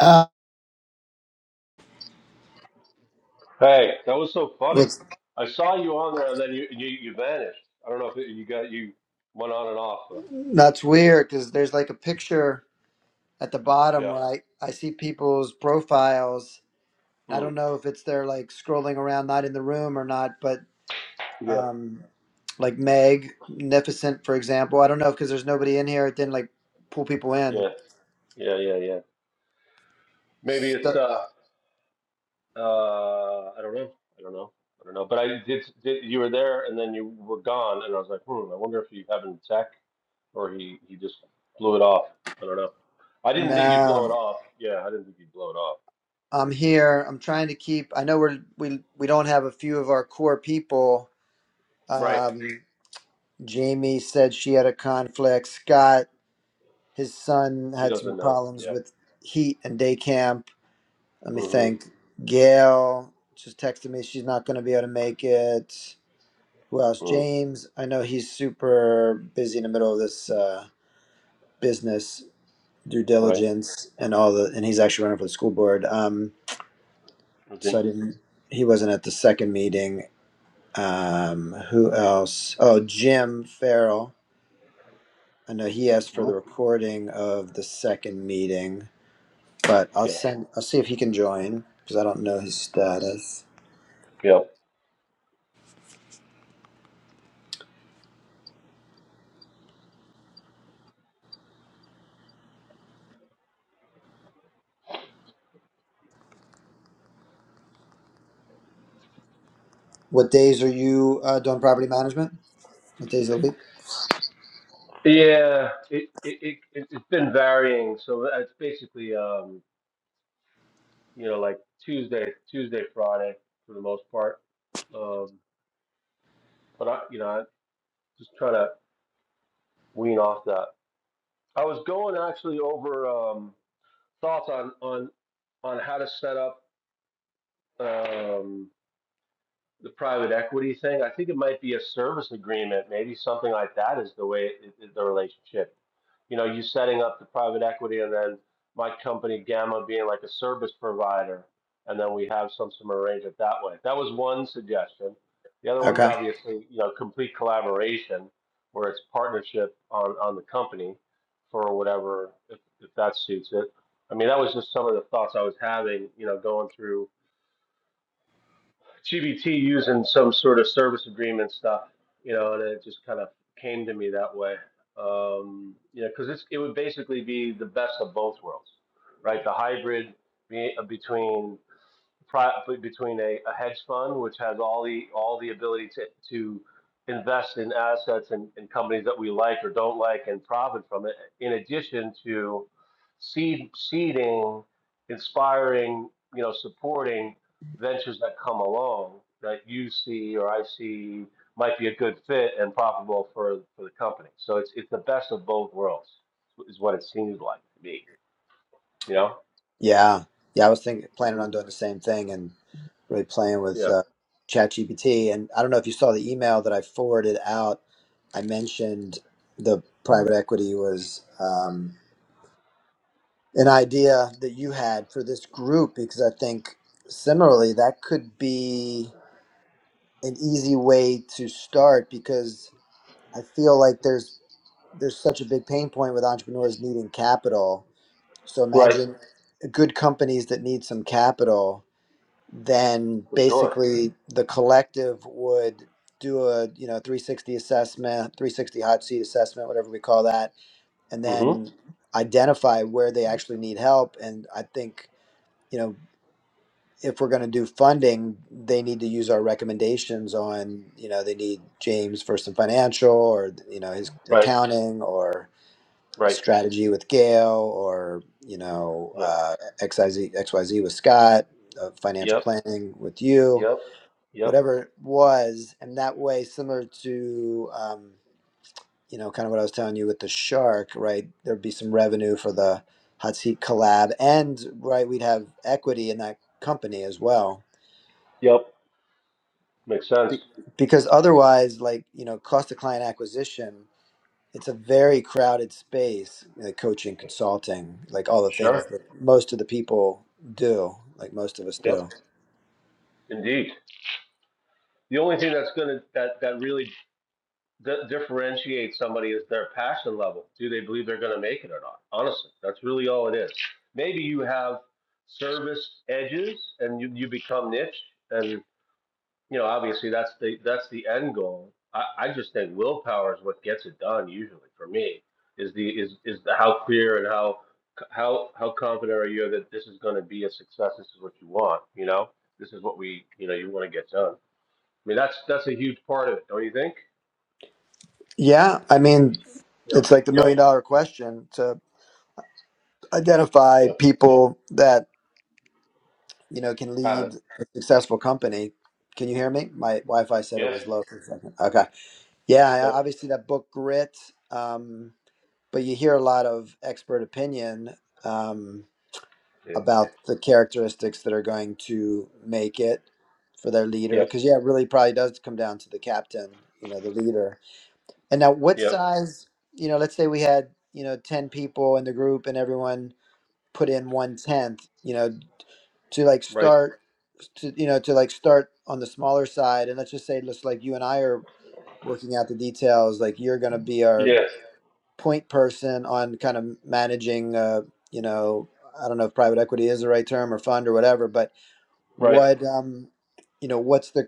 Uh, Hey, that was so funny. it's, I saw you on there, and then you you, you vanished. I don't know if it, you got you went on and off, but that's weird because there's like a picture at the bottom yeah, where I, I see people's profiles. I Hmm. don't know if it's they're like scrolling around, not in the room or not, but yeah, um, like Meg, Magnificent, for example. I don't know because there's nobody in here. It didn't like pull people in. yeah, yeah, yeah, yeah. Maybe it's So, uh uh I don't know, I don't know, I don't know. But I did, did you were there, and then you were gone, and I was like, hmm, I wonder if you having tech or he he just blew it off. I don't know. I didn't think you'd blow no, it off. Yeah, I didn't think you'd blow it off. I'm here. I'm trying to keep. I know we're we we don't have a few of our core people. Right. Um, Jamie said she had a conflict. Scott His son He had some doesn't know. problems Yeah. with heat and day camp. Let me Mm-hmm. think. Gail just texted me she's not going to be able to make it. Who else? Mm. James. I know he's super busy in the middle of this uh, business due Right. diligence and all the, and he's actually running for the school board. Um, Is so I he? didn't. He wasn't at the second meeting. Um, who else? Oh, Jim Farrell. I know he asked for hmm the recording of the second meeting. But I'll Yeah. send. I'll see if he can join because I don't know his status. Yeah. What days are you uh, doing property management? What days of the week? Yeah, it, it it it- has been varying. So uh, it's basically um you know like Tuesday Tuesday Friday for the most part. Um, but I you know I just try to wean off that. I was going actually over um thoughts on on on how to set up. Um, the private equity thing, I think it might be a service agreement, maybe something like that is the way it, it- the relationship. You know, you setting up the private equity and then my company Gamma being like a service provider, and then we have some some arrangement that way. That was one suggestion. The other one's Okay. obviously you know complete collaboration, where it's partnership on on the company for whatever if, if that suits it. I mean, that was just some of the thoughts I was having, you know, going through GBT using some sort of service agreement stuff, you know, and it just kind of came to me that way. Um, you know, because it's it would basically be the best of both worlds, right? The hybrid be, uh, between between a, a hedge fund, which has all the, all the ability to, to invest in assets and, and companies that we like or don't like and profit from it, in addition to seed, seeding, inspiring, you know, supporting ventures that come along that you see or I see might be a good fit and profitable for, for the company. So it's, it's the best of both worlds is what it seems like to me, you know? Yeah. Yeah. I was thinking, planning hmm on doing the same thing and really playing with Yeah. uh, ChatGPT. And I don't know if you saw the email that I forwarded out. I mentioned the private equity was um, an idea that you had for this group because I think similarly that could be an easy way to start because I feel like there's there's such a big pain point with entrepreneurs needing capital. So Right. imagine good companies that need some capital, then For sure. basically the collective would do a you know 360 assessment, 360 hot seat assessment, whatever we call that, and Mm-hmm. then identify where they actually need help. And I think you know if we're going to do funding, they need to use our recommendations on, you know, they need James First and Financial or, you know, his Right, accounting or right. strategy with Gail or, you know, Yeah. uh, XYZ, XYZ with Scott, uh, financial Yep, planning with you, yep, yep, whatever it was. And that way, similar to, um, you know, kind of what I was telling you with the shark, right? There'd be some revenue for the hot seat collab and, right, we'd have equity in that company as well yep. Makes sense. Be- because otherwise, like you know, cost of client acquisition, it's a very crowded space. Like coaching, consulting, like all the Sure. things that most of the people do, like most of us Yep. do. Indeed. The only thing that's gonna that that really di- differentiates somebody is their passion level. Do they believe they're gonna make it or not? Honestly, that's really all it is. Maybe you have service edges and you, you become niche and you know, obviously that's the that's the end goal. I, I just think willpower is what gets it done. Usually, for me, is the is is the how clear and how how how confident are you that this is going to be a success? This is what you want. You know, this is what we you know you want to get done. I mean, that's that's a huge part of it, don't you think? Yeah, I mean, Yep. it's like the million dollar question to identify Yep. people that you know can Have lead it. a successful company. Can you hear me? My Wi-Fi said it Yes. was low for a second. Okay. Yeah, I- Nope. obviously that book Grit, um, but you hear a lot of expert opinion um, Yeah. about the characteristics that are going to make it for their leader. Yep. Because yeah, it really probably does come down to the captain, you know, the leader. And now, what Yep. size? You know, let's say we had you know ten people in the group, and everyone put in one tenth. You know, to like Right. start to you know to like start on the smaller side, and let's just say just like you and I are working out the details like you're going to be our Yes. point person on kind of managing uh, you know i don't know if private equity is the right term or fund or whatever but Right. what um you know what's the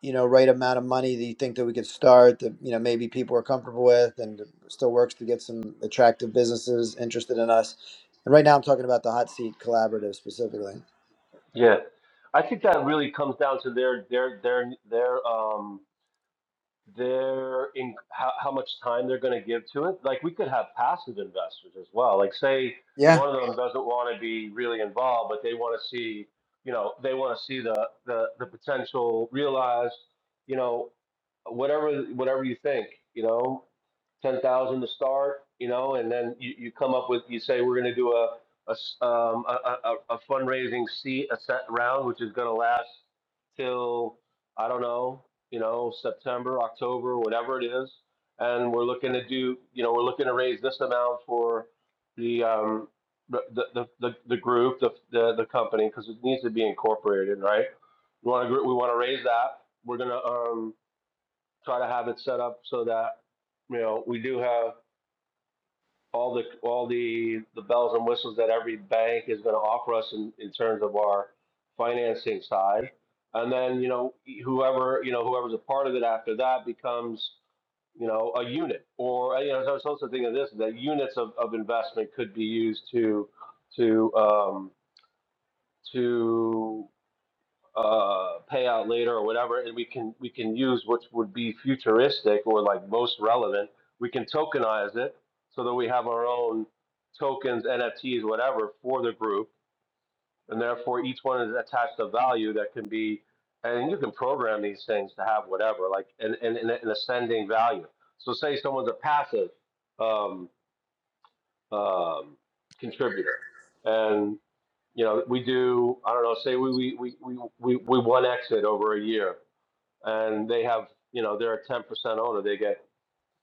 you know right amount of money that you think that we could start that you know maybe people are comfortable with and still works to get some attractive businesses interested in us and right now i'm talking about the hot seat collaborative specifically Yeah. I think that really comes down to their their their their um their in how, how much time they're going to give to it. Like we could have passive investors as well. Like say yeah one of them doesn't want to be really involved, but they want to see, you know, they want to see the the the potential realized, you know, whatever whatever you think, you know, ten thousand to start, you know, and then you, you come up with you say we're going to do a a um, a, a a fundraising seed a set round, which is going to last till I don't know you know, September, October, whatever it is. And we're looking to do, you know, we're looking to raise this amount for the, um, the, the, the, the group, the, the, the company, because it needs to be incorporated, right? We want to, we want to raise that. We're going to, um, try to have it set up so that, you know, we do have all the all the the bells and whistles that every bank is going to offer us in, in terms of our financing side and then you know whoever you know whoever's a part of it after that becomes you know a unit or uh, you know I was also thinking of this that units of, of investment could be used to to um, to uh, payout later or whatever, and we can we can use which would be futuristic or like most relevant. We can tokenize it so that we have our own tokens, NFTs, whatever for the group, and therefore each one is attached a value that can be. And you can program these things to have whatever, like an, an, an ascending value. So say someone's a passive um, um, contributor, and you know we do I don't know say we we we we, we one exit over a year and they have, you know, they're a ten percent owner. They get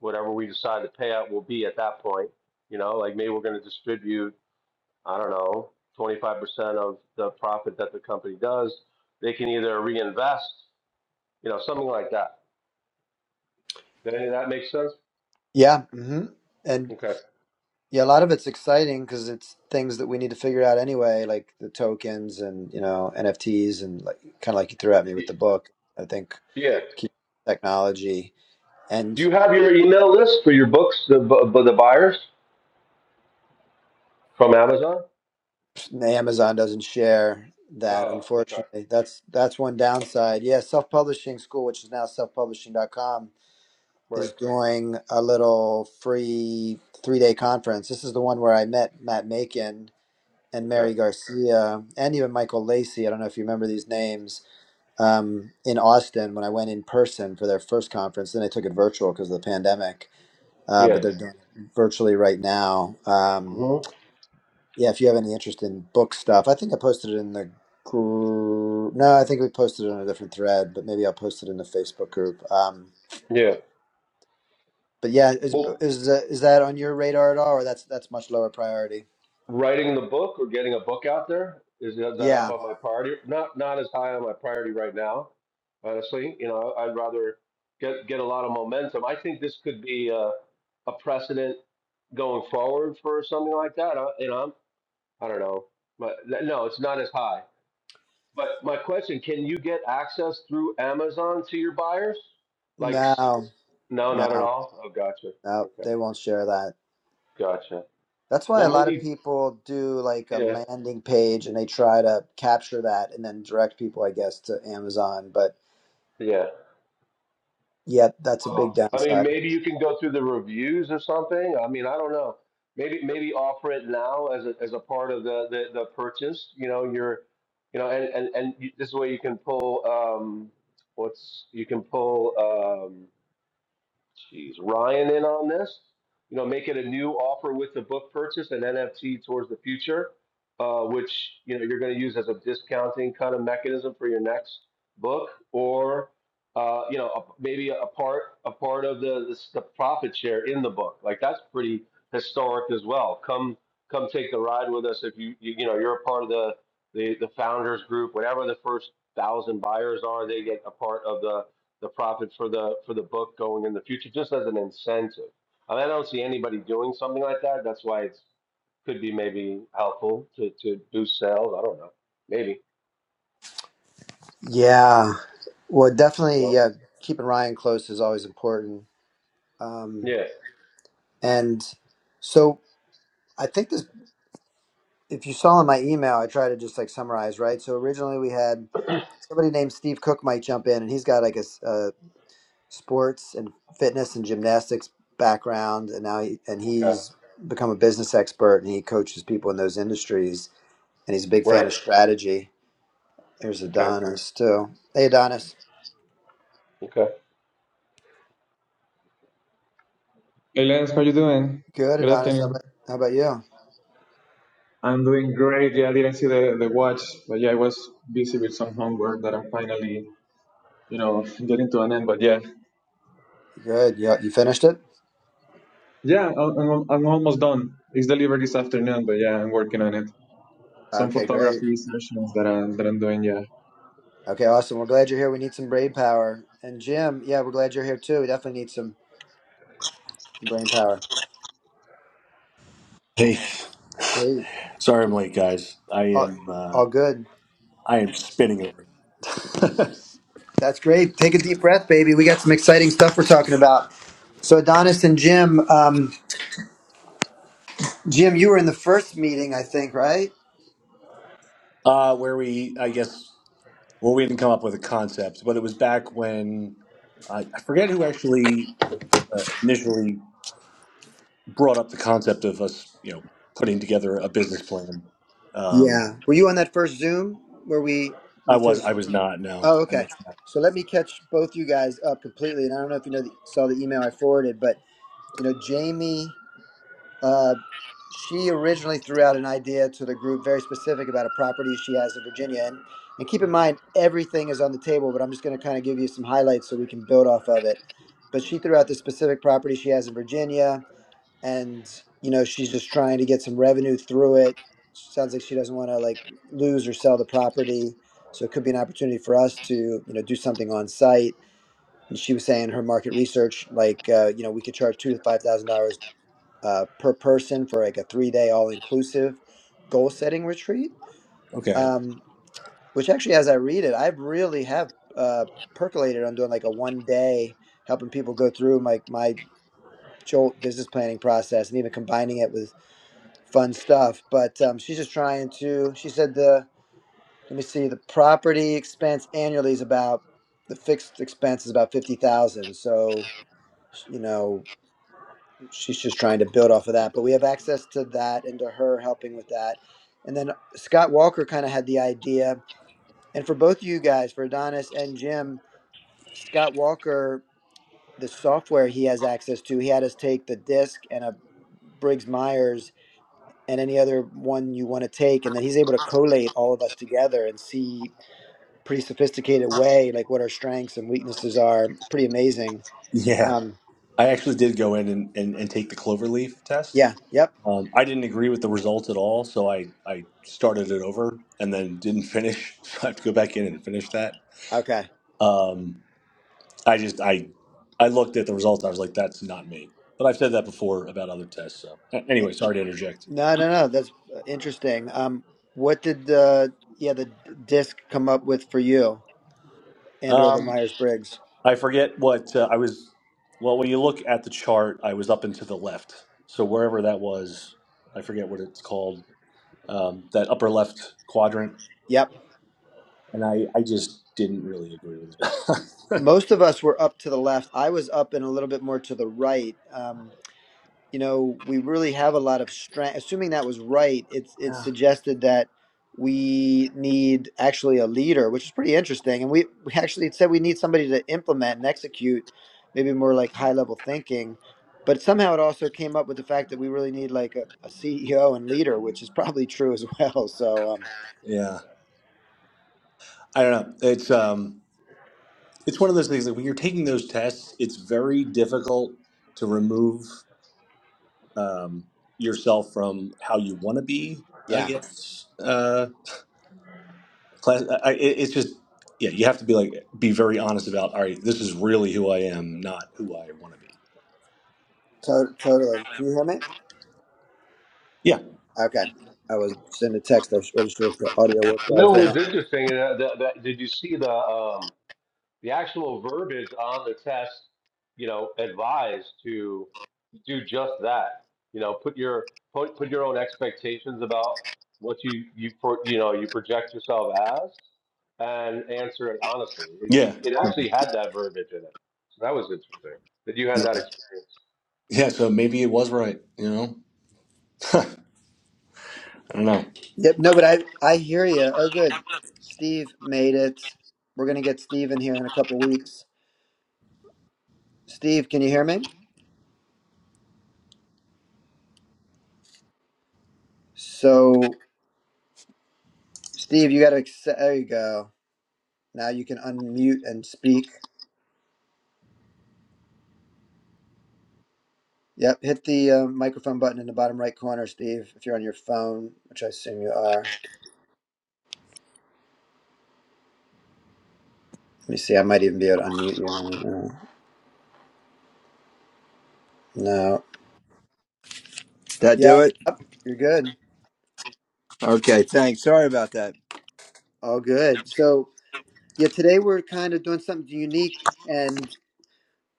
whatever we decide the payout will be at that point. You know, like maybe we're going to distribute, I don't know, twenty five percent of the profit that the company does. They can either reinvest, you know, something like that. Does any of that make sense? yeah hmm Okay. Yeah, a lot of it's exciting because it's things that we need to figure out anyway, like the tokens and you know NFTs and like kind of like you threw at me with the book. I think Yeah. keep technology Do and you have your email list for your books, the bu- the buyers from Amazon? Amazon doesn't share that Oh, okay. unfortunately. That's that's one downside. Yeah, self-publishing school, which is now self-publishing dot com, Right. is doing a little free three-day conference. This is the one where I met Matt Macon and Okay. Mary Garcia and even Michael Lacey. I don't know if you remember these names um, in Austin when I went in person for their first conference. Then I took it virtual because of the pandemic, uh, Yeah. but they're doing it virtually right now. Um, hmm yeah, if you have any interest in book stuff, I think I posted it in the group. No, I think we posted it on a different thread, but maybe I'll post it in the Facebook group. Um, Yeah. but yeah, is Well, is uh, is that on your radar at all, or that's that's much lower priority? writing the book or getting a book out there is, is that up Yeah, on my priority? Not not as high on my priority right now, honestly. You know, I'd rather get get a lot of momentum. I think this could be a, a precedent going forward for something like that. I, you know, I don't know, but no, it's not as high. But my question: Can you get access through Amazon to your buyers? Like, s- no, no, not at no, all. Oh, gotcha. no, Okay, they won't share that. gotcha. That's why Well, a lot of maybe, people do like a yeah, landing page and they try to capture that and then direct people, I guess, to Amazon. But yeah. yeah, that's a big Well, I mean, downside. maybe you can go through the reviews or something. I mean, I don't know. Maybe maybe offer it now as a as a part of the the, the purchase. You know, you're, you know, and and and you, this way you can pull um, what's you can pull um. Jeez, Ryan in on this. You know, make it a new offer with the book purchase and NFT towards the future, uh, which you know you're going to use as a discounting kind of mechanism for your next book, or uh, you know a- maybe a part a part of the, the the profit share in the book. Like that's pretty historic as well. Come come take the ride with us if you you, you know you're a part of the, the the founders group. Whatever the first thousand buyers are, they get a part of the the profit for the for the book going in the future, just as an incentive. I, mean, I don't see anybody doing something like that. That's why it could be maybe helpful to to boost sales. I don't know. Maybe Yeah. Well, definitely, no. yeah, keeping Ryan close is always important. Um, Yeah. and so I think this, if you saw in my email, I try to just like summarize, right? So originally we had somebody named Steve Cook might jump in and he's got like a, sports and fitness and gymnastics background and now he, and Okay. he's become a business expert and he coaches people in those industries and he's a big fan Right. of strategy there's Okay. adonis too hey adonis Okay. Hey Lance, how you doing? good Good adonis how afternoon. about, how about you I'm doing great. Yeah, I didn't see the, the watch, but yeah, I was busy with some homework that I'm finally, you know, getting to an end. But yeah, good you, you finished it yeah, I'm, I'm I'm almost done. It's delivered this afternoon, but yeah, I'm working on it. Some okay great photography sessions that I'm that I'm doing. Yeah. okay awesome we're glad you're here we need some brain power and jim yeah we're glad you're here too we definitely need some, some brain power Hey, hey sorry I'm keep- late, guys. I all, am uh, all good I am spinning over. That's great. Take a deep breath, baby. We got some exciting stuff we're talking about. So Adonis and Jim, um, Jim, you were in the first meeting, I think, right? Uh, where we, I guess, well, we didn't come up with a concept, but it was back when I, I forget who actually uh, initially brought up the concept of us, you know, putting together a business plan. Um, Yeah. Were you on that first Zoom where we I the was first? I was not. No, Oh, I okay. missed that. So let me catch both you guys up completely. And I don't know if you know the, saw the email I forwarded, but you know Jamie. uh, she originally threw out an idea to the group very specific about a property she has in Virginia. And, and keep in mind, everything is on the table, but I'm just going to kind of give you some highlights so we can build off of it. But she threw out the specific property she has in Virginia, and you know she's just trying to get some revenue through it. Sounds like she doesn't want to like lose or sell the property, so it could be an opportunity for us to you know do something on site. And she was saying her market research, like uh, you know, we could charge two to five thousand dollars uh, per person for like a three day all inclusive goal setting retreat. Okay, Um, which actually, as I read it, I really have uh, percolated on doing like a one day helping people go through my my Jolt business planning process and even combining it with fun stuff. But um, she's just trying to. She said the let me see the property expense annually is about the fixed expense is about fifty thousand. So you know she's just trying to build off of that. But we have access to that and to her helping with that. And then Scott Walker kind of had the idea. And for both of you guys, for Adonis and Jim, Scott Walker, the software he has access to, he had us take the disc and a Briggs Myers and any other one you want to take. And then he's able to collate all of us together and see pretty sophisticated way, like what our strengths and weaknesses are. Pretty amazing. yeah, Um, I actually did go in and, and, and take the cloverleaf test. yeah. Yep. Um, I didn't agree with the results at all, so I, I started it over and then didn't finish. So I have to go back in and finish that. Okay. Um, I just I I looked at the results. I was like, that's not me. But I've said that before about other tests. So A- anyway, sorry to interject. No, no, no. That's uh, interesting. Um, what did the yeah the d- disc come up with for you and or the Um, Myers Briggs? I forget what uh, I was. Well, when you look at the chart, I was up and to the left. So wherever that was, I forget what it's called. Um, that upper left quadrant, Yep. and I I just didn't really agree with it. Most of us were up to the left. I was up and a little bit more to the right. Um. you know, we really have a lot of strength. Assuming that was right, it's it's suggested that we need actually a leader, which is pretty interesting. And we, we actually said we need somebody to implement and execute, maybe more like high level thinking. But somehow it also came up with the fact that we really need like a, a CEO and leader, which is probably true as well. So um, yeah. I don't know. It's um, it's one of those things that when you're taking those tests, it's very difficult to remove um, yourself from how you want to be. I yeah, guess uh, class. I, I- it- it's just yeah, you have to be like be very honest about. All right, this is really who I am, not who I want to be. to- totally. Can you hear me? Yeah, Okay. I was sending a text. I was- wasn't sure if the audio worked And while I then was what doing was that. interesting? Uh, the, the, did you see the um The actual verbiage on the test, you know, advised to do just that. You know, put your put put your own expectations about what you you pro- you know you project yourself as, and answer it honestly. It, yeah, it, it actually had that verbiage in it, so that was interesting that you had that experience. yeah. So maybe it was right. You know, I don't know. Yep. No, but I I hear you. Oh, good. Steve made it. We're gonna get Steve in here in a couple weeks. Steve, can you hear me? So, Steve, you gotta. acce- There you go. Now you can unmute and speak. Yep. Hit the uh, microphone button in the bottom right corner, Steve. If you're on your phone, which I assume you are. Let me see. I might even be able to unmute you. I don't know. No. That do Yep. it? You're good. Okay, thanks. Sorry about that. All good. So, yeah, today we're kind of doing something unique and.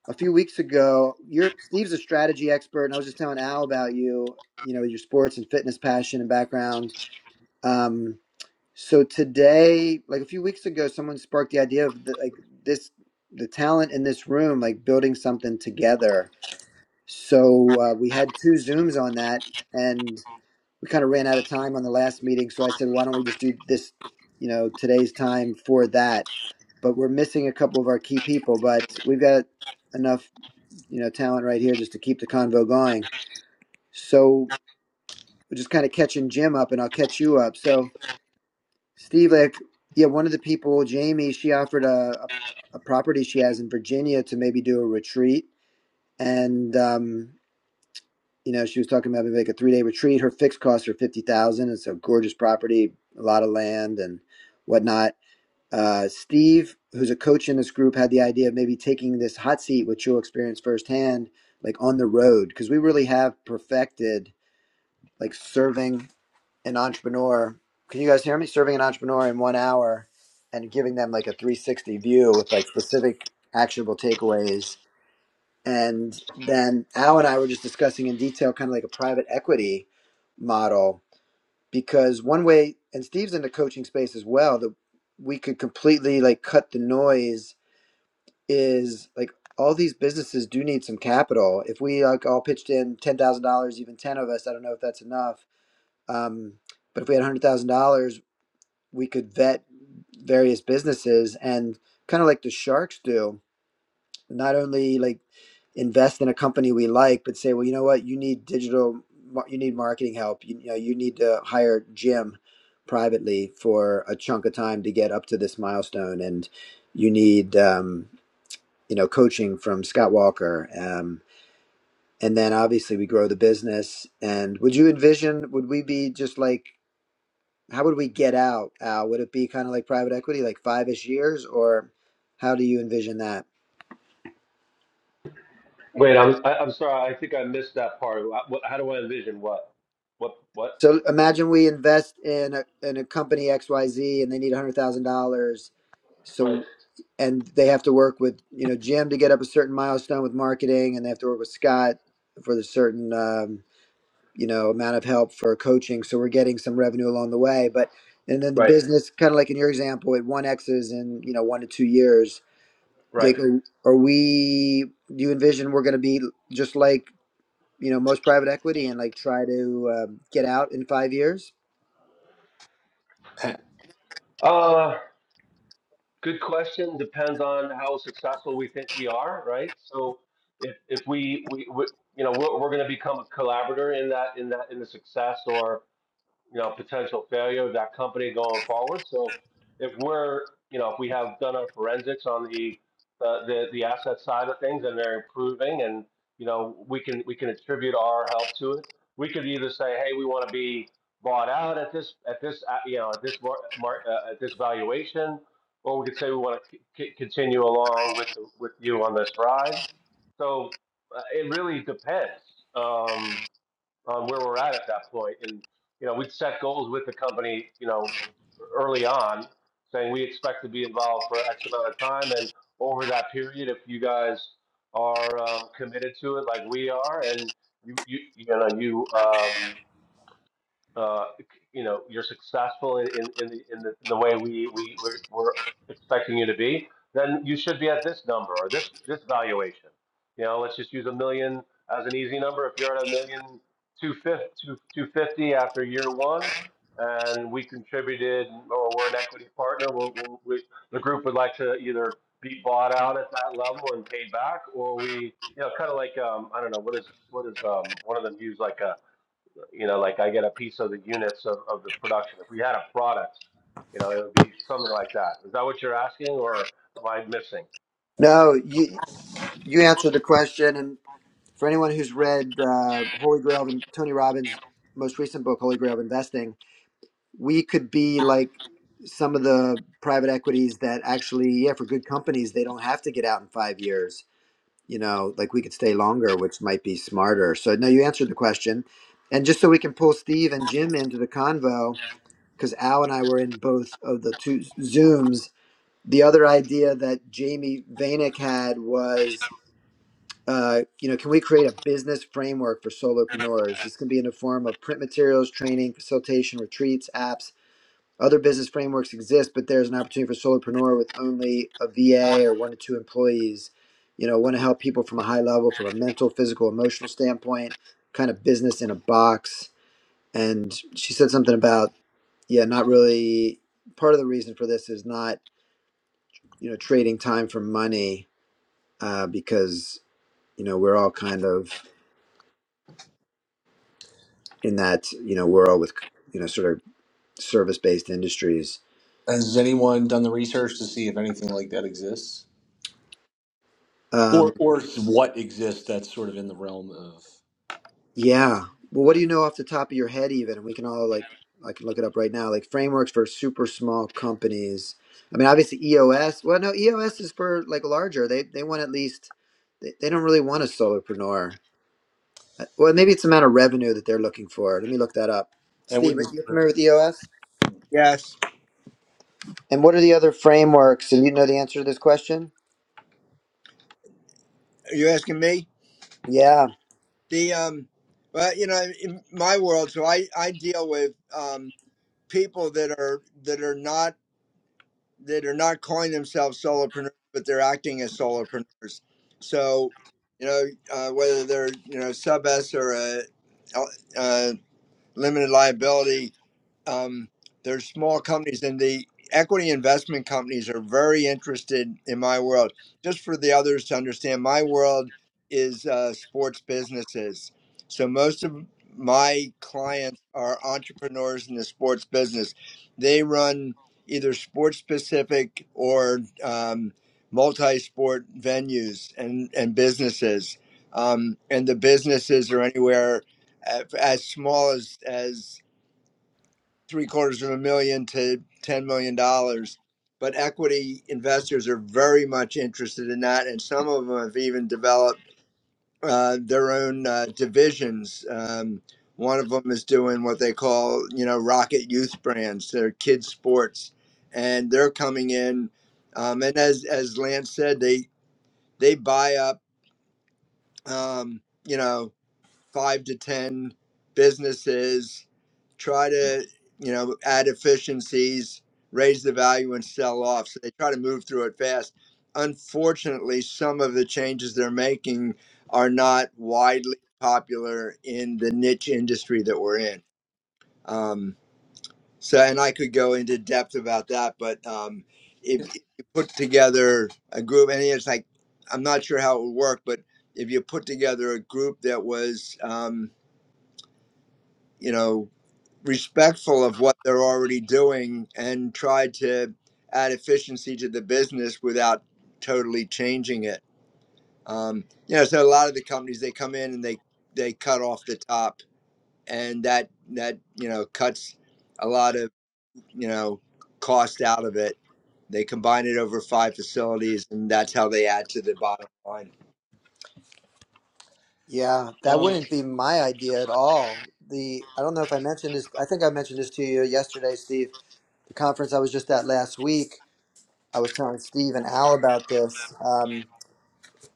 a few weeks ago. You're Steve's a strategy expert, and I was just telling Al about you. You know your sports and fitness passion and background. Um, so today, like a few weeks ago, someone sparked the idea of the, like this the talent in this room, like building something together. So uh, we had two zooms on that, and we kind of ran out of time on the last meeting. So I said, why don't we just do this? You know, today's time for that. But we're missing a couple of our key people, but we've got enough you know, talent right here just to keep the convo going. So we're just kind of catching Jim up, and I'll catch you up. So Steve, like, yeah, one of the people, Jamie, she offered a a, a property she has in Virginia to maybe do a retreat, and um, you know, she was talking about maybe like a three day retreat. Her fixed costs are fifty thousand. dollars. It's a gorgeous property, a lot of land, and whatnot Uh, Steve, who's a coach in this group, had the idea of maybe taking this hot seat, which you'll experience firsthand, like on the road, because we really have perfected like serving an entrepreneur. Can you guys hear me? Serving an entrepreneur in one hour and giving them like a 360 view with like specific actionable takeaways. And then Al and I were just discussing in detail kind of like a private equity model because one way and steve's in the coaching space as well that we could completely like cut the noise is like all these businesses do need some capital if we like all pitched in $10000 even 10 of us i don't know if that's enough um, but if we had $100000 we could vet various businesses and kind of like the sharks do not only like invest in a company we like, but say, well, you know what, you need digital, mar- you need marketing help. You, you know, you need to hire Jim privately for a chunk of time to get up to this milestone, and you need, um, you know, coaching from Scott Walker. Um, and then obviously we grow the business. And would you envision? Would we be just like? How would we get out? Al? Would it be kind of like private equity, like five ish years, or how do you envision that? Wait, I'm I, I'm sorry. I think I missed that part. Wha- what- How do I envision what? What? What? So imagine we invest in a, in a company XYZ and they need $100,000. So, Right. and they have to work with, you know, Jim to get up a certain milestone with marketing and they have to work with Scott for the certain, um, you know, amount of help for coaching. So we're getting some revenue along the way, but, and then the Right. business, kind of like in your example, it one X's in, you know, one to two years. Right. Jake, are, are we, do you envision we're going to be just like, you know, most private equity and like try to um, get out in five years? Ha- Uh, Good question. Depends on how successful we think we are, right? So if if we we, we you know we're, we're going to become a collaborator in that in that in the success or you know, potential failure of that company going forward. So if we're, you know, if we have done our forensics on the uh, the the asset side of things and they're improving, and you know, we can we can attribute our help to it. We could either say, hey, we want to be bought out at this at this uh, you know at this mar- mar- uh, at this valuation, or we could say we want to c- continue along with with you on this ride. So uh, it really depends. Um, on where we're at at that point. And, you know, we'd set goals with the company, you know, early on saying we expect to be involved for X amount of time. And over that period, if you guys are um, committed to it like we are and you, you, you know, you, um, uh, you know, you're successful in, in, in, the, in, the, in the way we, we, we're, we're expecting you to be, then you should be at this number or this, this valuation. You know, let's just use a million as an easy number. If you're at a million two fifty, two, 250 after year one, and we contributed or we're an equity partner, we'll, we'll, we, the group would like to either be bought out at that level and paid back, or we, you know, kind of like, um, I don't know, what is, what is, um, one of them use like, a you know, like I get a piece of the units of, of the production. If we had a product, you know, it would be something like that. Is that what you're asking or am I missing? No, you you answered the question. And for anyone who's read uh, Holy Grail and Tony Robbins' most recent book, Holy Grail of Investing, we could be like some of the private equities that actually, yeah, for good companies, they don't have to get out in five years. You know, like we could stay longer, which might be smarter. So no, you answered the question. And just so we can pull Steve and Jim into the convo, because Al and I were in both of the two Zooms. The other idea that Jamie Vanek had was uh, you know, can we create a business framework for solopreneurs? This can be in the form of print materials, training, facilitation, retreats, apps. Other business frameworks exist, but there's an opportunity for solopreneur with only a VA or one to two employees. You know, want to help people from a high level, from a mental, physical, emotional standpoint, kind of business in a box. And she said something about, yeah, not really. Part of the reason for this is not, you know, trading time for money uh, because you know we're all kind of in that you know world with you know sort of service based industries. Has anyone done the research to see if anything like that exists, Um, or or what exists that's sort of in the realm of? yeah. Well, what do you know off the top of your head, even? And we can all like I can look it up right now. Like frameworks for super small companies. I mean, obviously EOS. Well, no, EOS is for like larger. They they want at least they, they don't really want a solopreneur. Uh, Well, maybe it's the amount of revenue that they're looking for. Let me look that up. And with Steve, this, are you familiar with EOS? Yes. And what are the other frameworks? And you know the answer to this question? Are you asking me? Yeah. The um well, you know, in my world, so I, I deal with um people that are that are not that are not calling themselves solopreneurs, but they're acting as solopreneurs. So, you know, uh, whether they're, you know, sub S or a, uh, limited liability um, they small companies, and the equity investment companies are very interested in my world. Just for the others to understand, my world is uh, sports businesses. So most of my clients are entrepreneurs in the sports business. They run either sports specific or um, multi sport venues and, and businesses. Um, and the businesses are anywhere a- as small as as three quarters of a million to ten million dollars. But equity investors are very much interested in that, and some of them have even developed uh, their own uh, divisions. Um, one of them is doing what they call, you know, Rocket Youth Brands, their kids sports, and they're coming in. Um, and as as Lance said, they they buy up, um, you know, five to 10 businesses, try to, you know, add efficiencies, raise the value and sell off. So they try to move through it fast. Unfortunately, some of the changes they're making are not widely popular in the niche industry that we're in. Um, so, and I could go into depth about that, but um, if if you put together a group, and it's like, I'm not sure how it would work, but if you put together a group that was, um, you know, respectful of what they're already doing and try to add efficiency to the business without totally changing it. Um, you know, so a lot of the companies they come in and they they cut off the top, and that that you know cuts a lot of you know cost out of it. They combine it over five facilities, and that's how they add to the bottom line. Yeah, that um, wouldn't be my idea at all. The I don't know if I mentioned this. I think I mentioned this to you yesterday, Steve. The conference I was just at last week. I was telling Steve and Al about this. Um,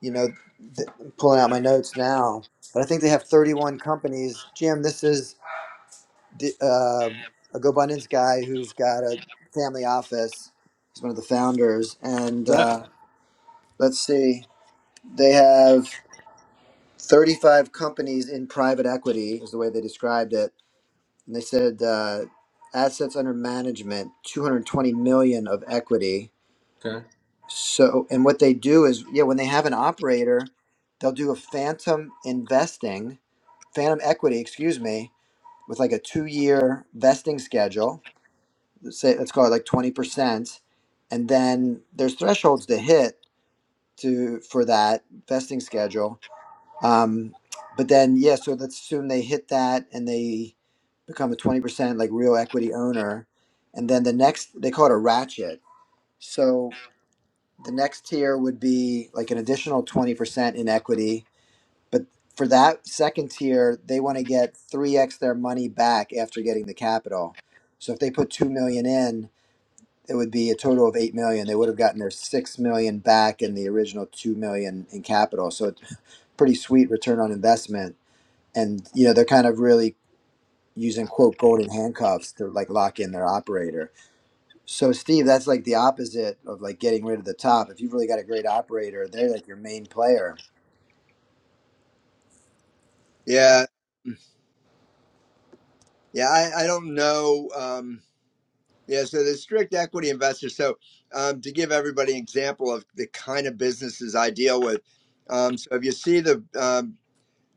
you know, th- pulling out my notes now, but I think they have 31 companies. Jim, this is the, uh, a GoBundance guy who's got a family office. He's one of the founders, and that uh, let's see, they have 35 companies in private equity, is the way they described it And they said uh, assets under management, 220 million of equity. So, and what they do is, yeah, when they have an operator, they'll do a phantom investing, phantom equity, excuse me, with like a two-year vesting schedule. Let's say let's call it like 20%, and then there's thresholds to hit to for that vesting schedule um, but then, yeah, so let's assume they hit that and they become a 20% like real equity owner. And then the next, they call it a ratchet. So the next tier would be like an additional 20% in equity. But for that second tier, they want to get 3x their money back after getting the capital. So if they put 2 million in, it would be a total of 8 million. They would have gotten their 6 million back in the original 2 million in capital. So it's pretty sweet return on investment and you know they're kind of really using quote golden handcuffs to like lock in their operator. So Steve, that's like the opposite of like getting rid of the top. If you've really got a great operator, they're like your main player. Yeah, yeah, I, I don't know. Um, Yeah, so the strict equity investor. So, um, to give everybody an example of the kind of businesses I deal with, um, so if you see the um,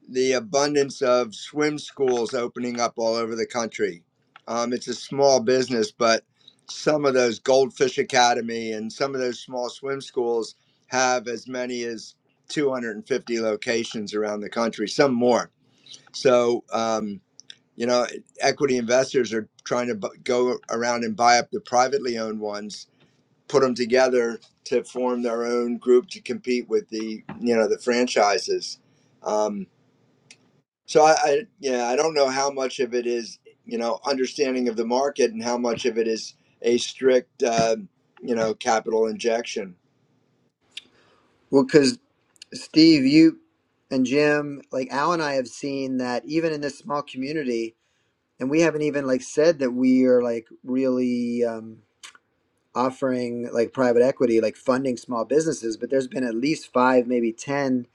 the abundance of swim schools opening up all over the country, um, it's a small business, but some of those Goldfish Academy and some of those small swim schools have as many as 250 locations around the country, some more. So. Um, you know, equity investors are trying to bu- go around and buy up the privately owned ones, put them together to form their own group to compete with the you know the franchises. Um, so I, I yeah I don't know how much of it is you know understanding of the market and how much of it is a strict uh, you know capital injection. Well, because Steve, you and Jim, like Al and I have seen that even in this small community, and we haven't even like said that we are like really. um, offering like private equity, like funding small businesses, but there's been at least five, maybe 10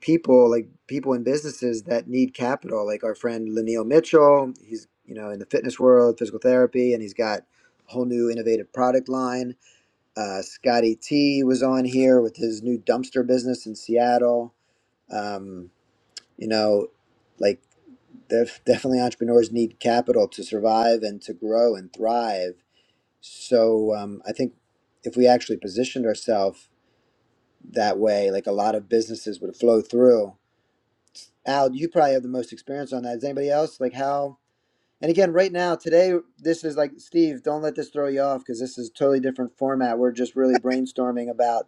people, like people in businesses that need capital. Like our friend Lanil Mitchell, he's, you know, in the fitness world, physical therapy, and he's got a whole new innovative product line. Uh, Scotty T was on here with his new dumpster business in Seattle. Um, you know, like def- definitely entrepreneurs need capital to survive and to grow and thrive so um, I think if we actually positioned ourselves that way, like a lot of businesses would flow through. Al, you probably have the most experience on that. Is anybody else like how? And again, right now, today, this is like Steve. Don't let this throw you off because this is a totally different format. We're just really brainstorming about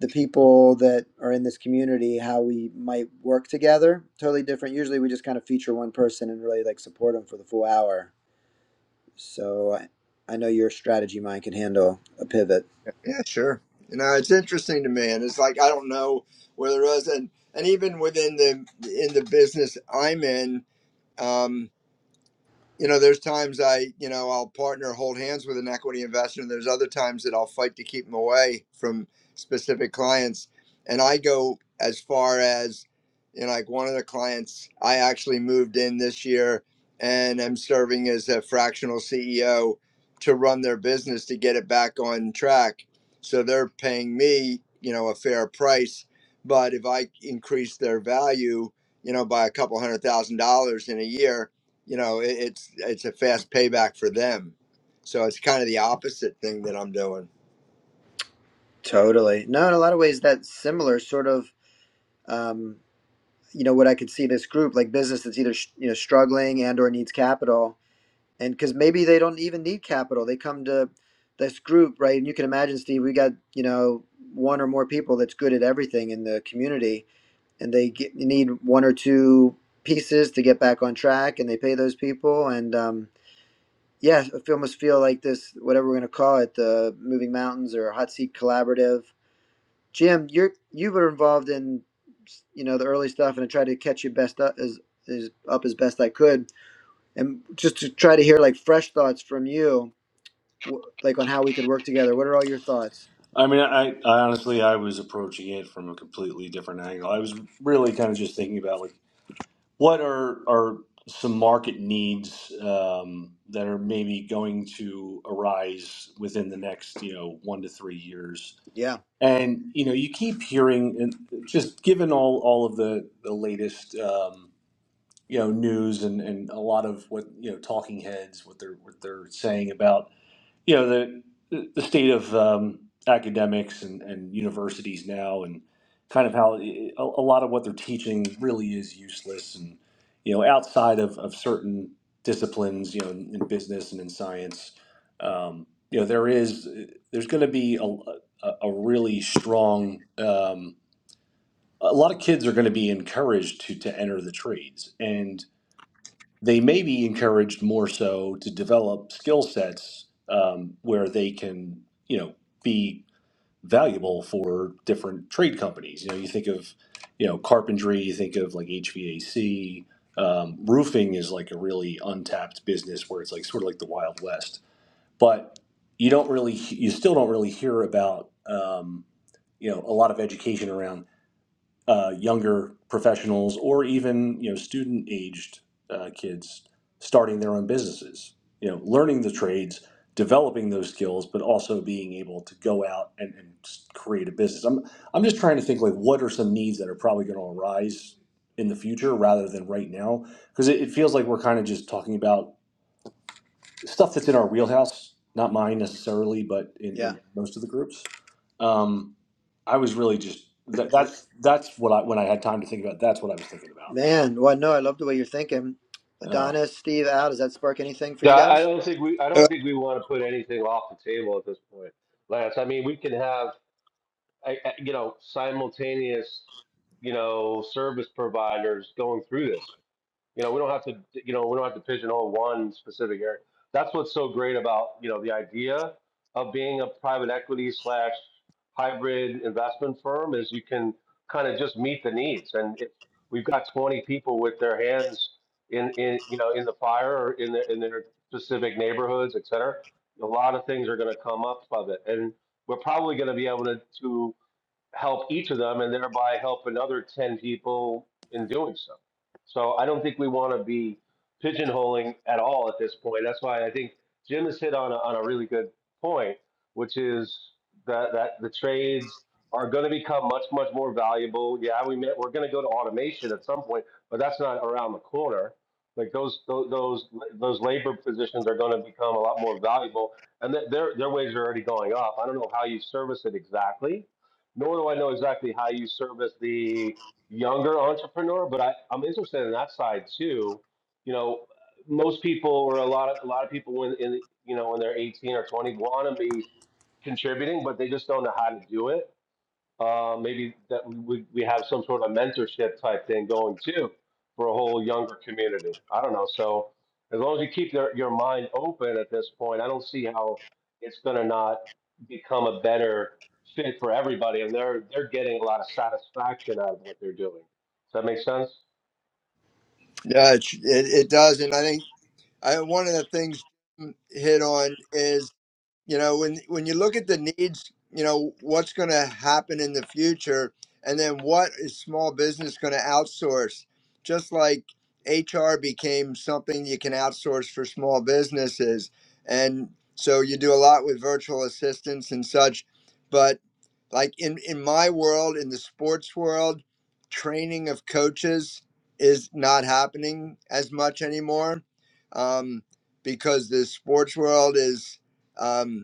the people that are in this community, how we might work together. Totally different. Usually, we just kind of feature one person and really like support them for the full hour. So I, I know your strategy mind can handle a pivot. Yeah, sure. You know, it's interesting to me, and it's like I don't know where there is, and and even within the in the business I'm in. Um, you know, there's times I, you know, I'll partner, hold hands with an equity investor, and there's other times that I'll fight to keep them away from specific clients. And I go as far as, you know, like one of the clients I actually moved in this year and i am serving as a fractional CEO to run their business to get it back on track. So they're paying me, you know, a fair price. But if I increase their value, you know, by a couple hundred thousand dollars in a year, you know it, it's it's a fast payback for them so it's kind of the opposite thing that i'm doing Totally. No, in a lot of ways, that's similar sort of, um, you know, what I could see this group like business that's either sh- you know struggling and or needs capital, and because maybe they don't even need capital, they come to this group, right? And you can imagine, Steve, we got you know one or more people that's good at everything in the community, and they get, need one or two pieces to get back on track, and they pay those people, and um, yeah, I feel- almost feel like this, whatever we're gonna call it, the Moving Mountains or Hot Seat Collaborative Jim, you're you were involved in you know the early stuff, and I tried to catch you best up as as up as best I could, and just to try to hear like fresh thoughts from you, w- like on how we could work together. What are all your thoughts? I mean, I, I honestly I was approaching it from a completely different angle. I was really kind of just thinking about like what are are some market needs um, that are maybe going to arise within the next you know one to three years. Yeah, And you know, you keep hearing, and just given all all of the the latest um, you know news and and a lot of what you know talking heads what they're what they're saying about you know the the state of um, academics and, and universities now and kind of how eh, a, a lot of what they're teaching really is useless and you know outside of, of certain disciplines you know in, in business and in science um, you know there is there's going to be a, a, a really strong um, a lot of kids are going to be encouraged to to enter the trades and they may be encouraged more so to develop skill sets um, where they can, you know, be valuable for different trade companies. You know, you think of, you know, carpentry, you think of like HVAC. Um, roofing is like a really untapped business where it's like sort of like the Wild West, but you don't really, you still don't really hear about, um, you know, a lot of education around uh, younger professionals or even you know student aged uh, kids starting their own businesses you know learning the trades developing those skills but also being able to go out and, and create a business i'm i'm just trying to think like what are some needs that are probably going to arise in the future rather than right now because it, it feels like we're kind of just talking about stuff that's in our wheelhouse, not mine necessarily, but in, yeah, in most of the groups. Um, I was really just that, Uh, that's that's what I when I had time to think about. That's what I was thinking about. Like, man. Well, no, I love the way you're thinking. um, Adonis, Steve, Al, does that spark anything for you Yeah, I guys? don't think we I uh, don't think we want to put anything off the table at this point, Lance. I mean, we can have I, I- you know, simultaneous, you know, service providers going through this. You know, we don't have to, you know, we don't have to pigeonhole one specific area. That's what's so great about, you know, the idea of being a private equity slash hybrid investment firm is you can kind of just meet the needs. And if we've got 20 people with their hands in, in, you know, in the fire or in their, in their specific neighborhoods, et cetera, a lot of things are going to come up of it. And we're probably going to be able to, help each of them and thereby help another 10 people in doing so. So I don't think we want to be pigeonholing at all at this point. That's why I think Jim has hit on a, on a really good point, which is that, that the trades are going to become much, much more valuable. Yeah, we may, we're going to go to automation at some point, but that's not around the corner. Like those, those, those those labor positions are going to become a lot more valuable and th- their, their wages are already going up. I don't know how you service it exactly, nor do I know exactly how you service the younger entrepreneur, but I, I'm interested in that side too. You know, most people or a lot of a lot of people when in you know when they're 18 or 20 want to be contributing, but they just don't know how to do it. Uh, maybe that we, we have some sort of mentorship type thing going too for a whole younger community. I don't know. So as long as you keep your, your mind open at this point, I don't see how it's going to not become a better fit for everybody. And they're they're getting a lot of satisfaction out of what they're doing. Does that make sense? yeah it, it, it does and i think I, one of the things hit on is you know when when you look at the needs you know what's going to happen in the future and then what is small business going to outsource just like hr became something you can outsource for small businesses and so you do a lot with virtual assistants and such but like in in my world in the sports world training of coaches is not happening as much anymore um, because the sports world is um,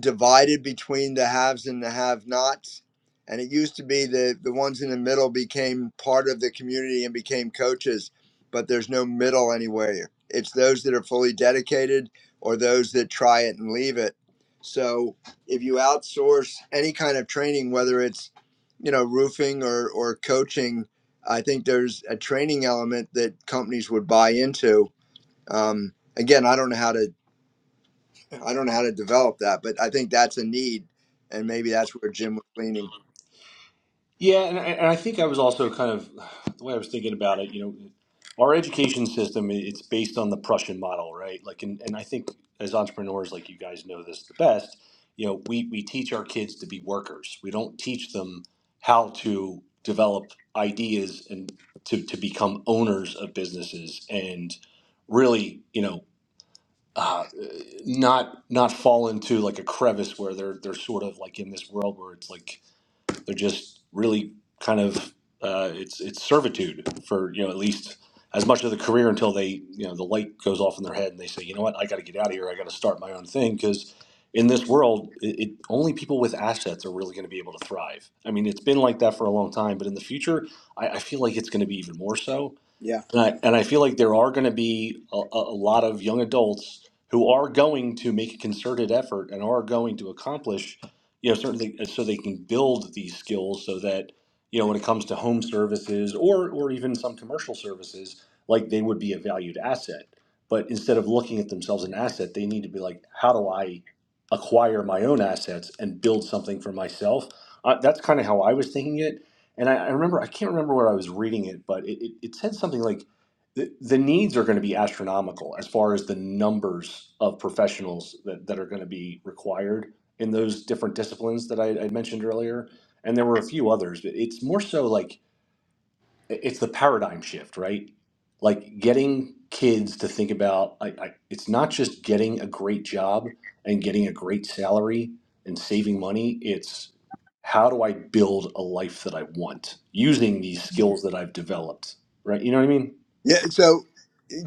divided between the haves and the have nots. And it used to be that the ones in the middle became part of the community and became coaches, but there's no middle anywhere. It's those that are fully dedicated or those that try it and leave it. So if you outsource any kind of training, whether it's you know roofing or, or coaching, I think there's a training element that companies would buy into. Um, again, I don't know how to I don't know how to develop that, but I think that's a need, and maybe that's where Jim was leaning. Yeah, and I, and I think I was also kind of the way I was thinking about it. You know, our education system it's based on the Prussian model, right? Like, and, and I think as entrepreneurs, like you guys know this the best. You know, we we teach our kids to be workers. We don't teach them how to develop ideas and to to become owners of businesses and really, you know. Uh, not not fall into like a crevice where they're they're sort of like in this world where it's like they're just really kind of uh, it's it's servitude for you know at least as much of the career until they you know the light goes off in their head and they say you know what I got to get out of here I got to start my own thing because in this world it, it only people with assets are really going to be able to thrive. I mean it's been like that for a long time, but in the future I, I feel like it's going to be even more so Yeah, and I, and I feel like there are going to be a, a a lot of young adults who are going to make a concerted effort and are going to accomplish, you know, certainly so they can build these skills so that, you know, when it comes to home services or, or even some commercial services, like they would be a valued asset. But instead of looking at themselves an asset, they need to be like, how do I acquire my own assets and build something for myself? Uh, that's kind of how I was thinking it and I, I remember I can't remember where I was reading it, but it, it, it said something like the, the needs are going to be astronomical as far as the numbers of professionals that, that are going to be required in those different disciplines that I, I mentioned earlier. And there were a few others. But It's more so like it's the paradigm shift, right? Like getting kids to think about I, I, it's not just getting a great job and getting a great salary and saving money. It's how do I build a life that I want using these skills that I've developed, right? You know what I mean? Yeah. So,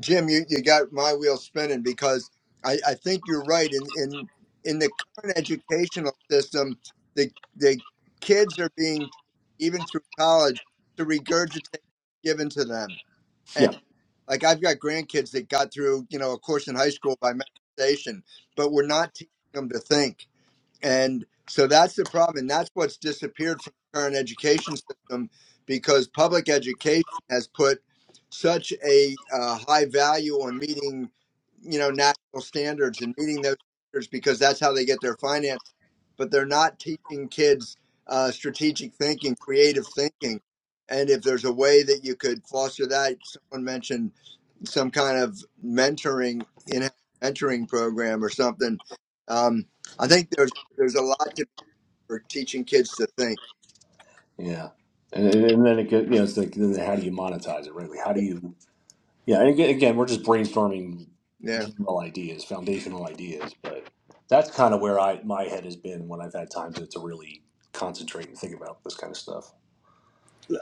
Jim, you, you got my wheel spinning because I, I think you're right. In in in the current educational system, the the kids are being even through college to regurgitate given to them. And Yeah, like I've got grandkids that got through you know a course in high school by memorization, but we're not teaching them to think And so that's the problem. And that's what's disappeared from the current education system because public education has put such a uh, high value on meeting, you know, national standards and meeting those standards because that's how they get their finance. But they're not teaching kids uh, strategic thinking, creative thinking. And if there's a way that you could foster that, someone mentioned some kind of mentoring in mentoring program or something. Um, I think there's there's a lot to for teaching kids to think. yeah. And, and and then it goes, you know, it's like then how do you monetize it, right? Like how do you Yeah, and again, again, we're just brainstorming Yeah. general ideas, foundational ideas, but that's kind of where I my head has been when I've had time to, to really concentrate and think about this kind of stuff.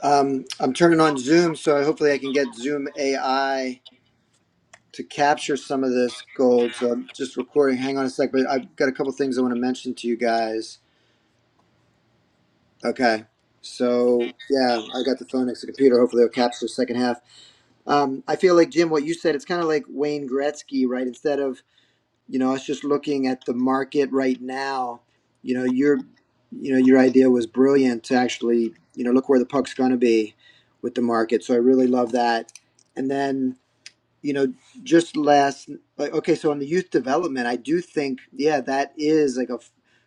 um, I'm turning on Zoom, so hopefully I can get Zoom AI to capture some of this gold. So I'm just recording. Hang on a sec, but I've got a couple things I want to mention to you guys Okay. So yeah, I got the phone next to the computer. Hopefully, it'll capture the second half. Um, I feel like Jim, what you said, it's kind of like Wayne Gretzky, right? Instead of you know us just looking at the market right now, you know your you know your idea was brilliant to actually you know look where the puck's going to be with the market. So I really love that. And then you know just last like okay so on the youth development i do think yeah that is like a,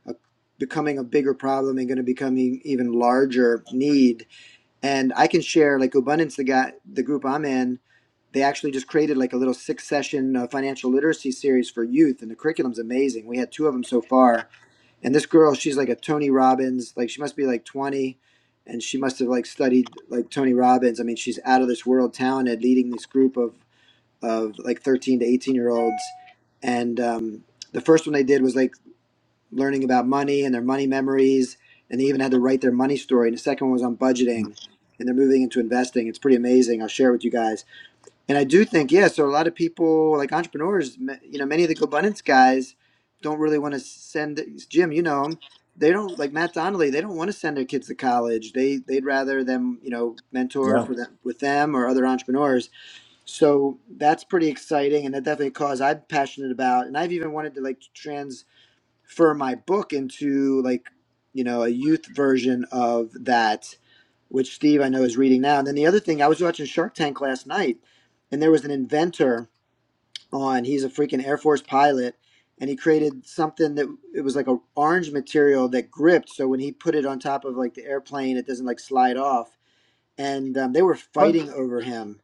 a becoming a bigger problem and going to becoming even larger need and i can share like abundance the guy the group i'm in they actually just created like a little six session uh, financial literacy series for youth and the curriculum's amazing we had two of them so far and this girl she's like a tony robbins like she must be like 20 and she must have like studied like tony robbins i mean she's out of this world talented leading this group of of like 13 to 18 year olds. And um, the first one they did was like learning about money and their money memories. And they even had to write their money story. And the second one was on budgeting and they're moving into investing. It's pretty amazing. I'll share it with you guys. And I do think, yeah, so a lot of people, like entrepreneurs, ma- you know, many of the Go Abundance guys don't really want to send, Jim, you know him. They don't like Matt Donnelly. They don't want to send their kids to college. They they'd rather them, you know, mentor Yeah. for them with them or other entrepreneurs so that's pretty exciting, and that definitely a cause I'm passionate about. And I've even wanted to like transfer my book into like you know a youth version of that, which Steve I know is reading now. And then the other thing, I was watching Shark Tank last night, and there was an inventor on. He's a freaking Air Force pilot, and he created something that it was like a orange material that gripped. So when he put it on top of like the airplane, it doesn't like slide off. And um, they were But, fighting over him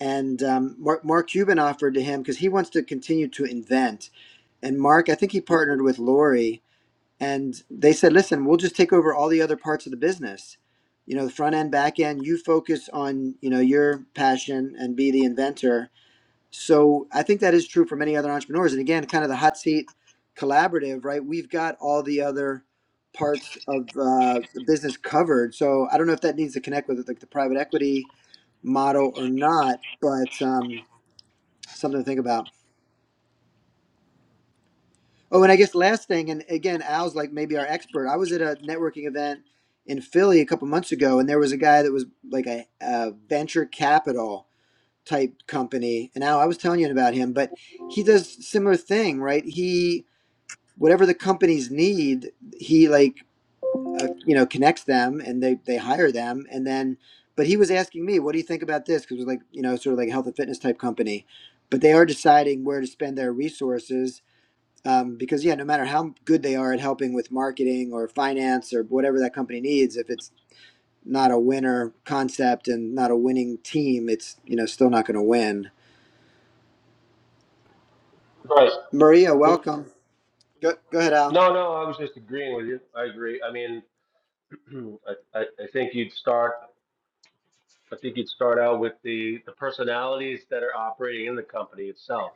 and um, Mark, Mark Cuban offered to him because he wants to continue to invent. And Mark, I think he partnered with Lori, and they said, "Listen, we'll just take over all the other parts of the business. You know, the front end, back end. You focus on you know your passion and be the inventor, so I think that is true for many other entrepreneurs. And again, kind of the hot seat collaborative, right? We've got all the other parts of uh, the business covered. So I don't know if that needs to connect with like the private equity model or not, but um, something to think about. Oh, and I guess last thing, and again, Al's like maybe our expert. I was at a networking event in Philly a couple months ago, and there was a guy that was like a, a venture capital. type company. And now I was telling you about him, but he does similar thing, right? He whatever the companies need, he like uh, you know connects them and they they hire them, and then. But he was asking me, what do you think about this? Because it was like you know sort of like a health and fitness type company, but they are deciding where to spend their resources. Um, because yeah, no matter how good they are at helping with marketing or finance or whatever that company needs, if it's not a winner concept and not a winning team, it's you know still not going to win. Right. Maria, Oop. welcome. Go, go ahead, Al. No, no, I was just agreeing with you. I agree. I mean, I, I, I think you'd start. I think you'd start out with the the personalities that are operating in the company itself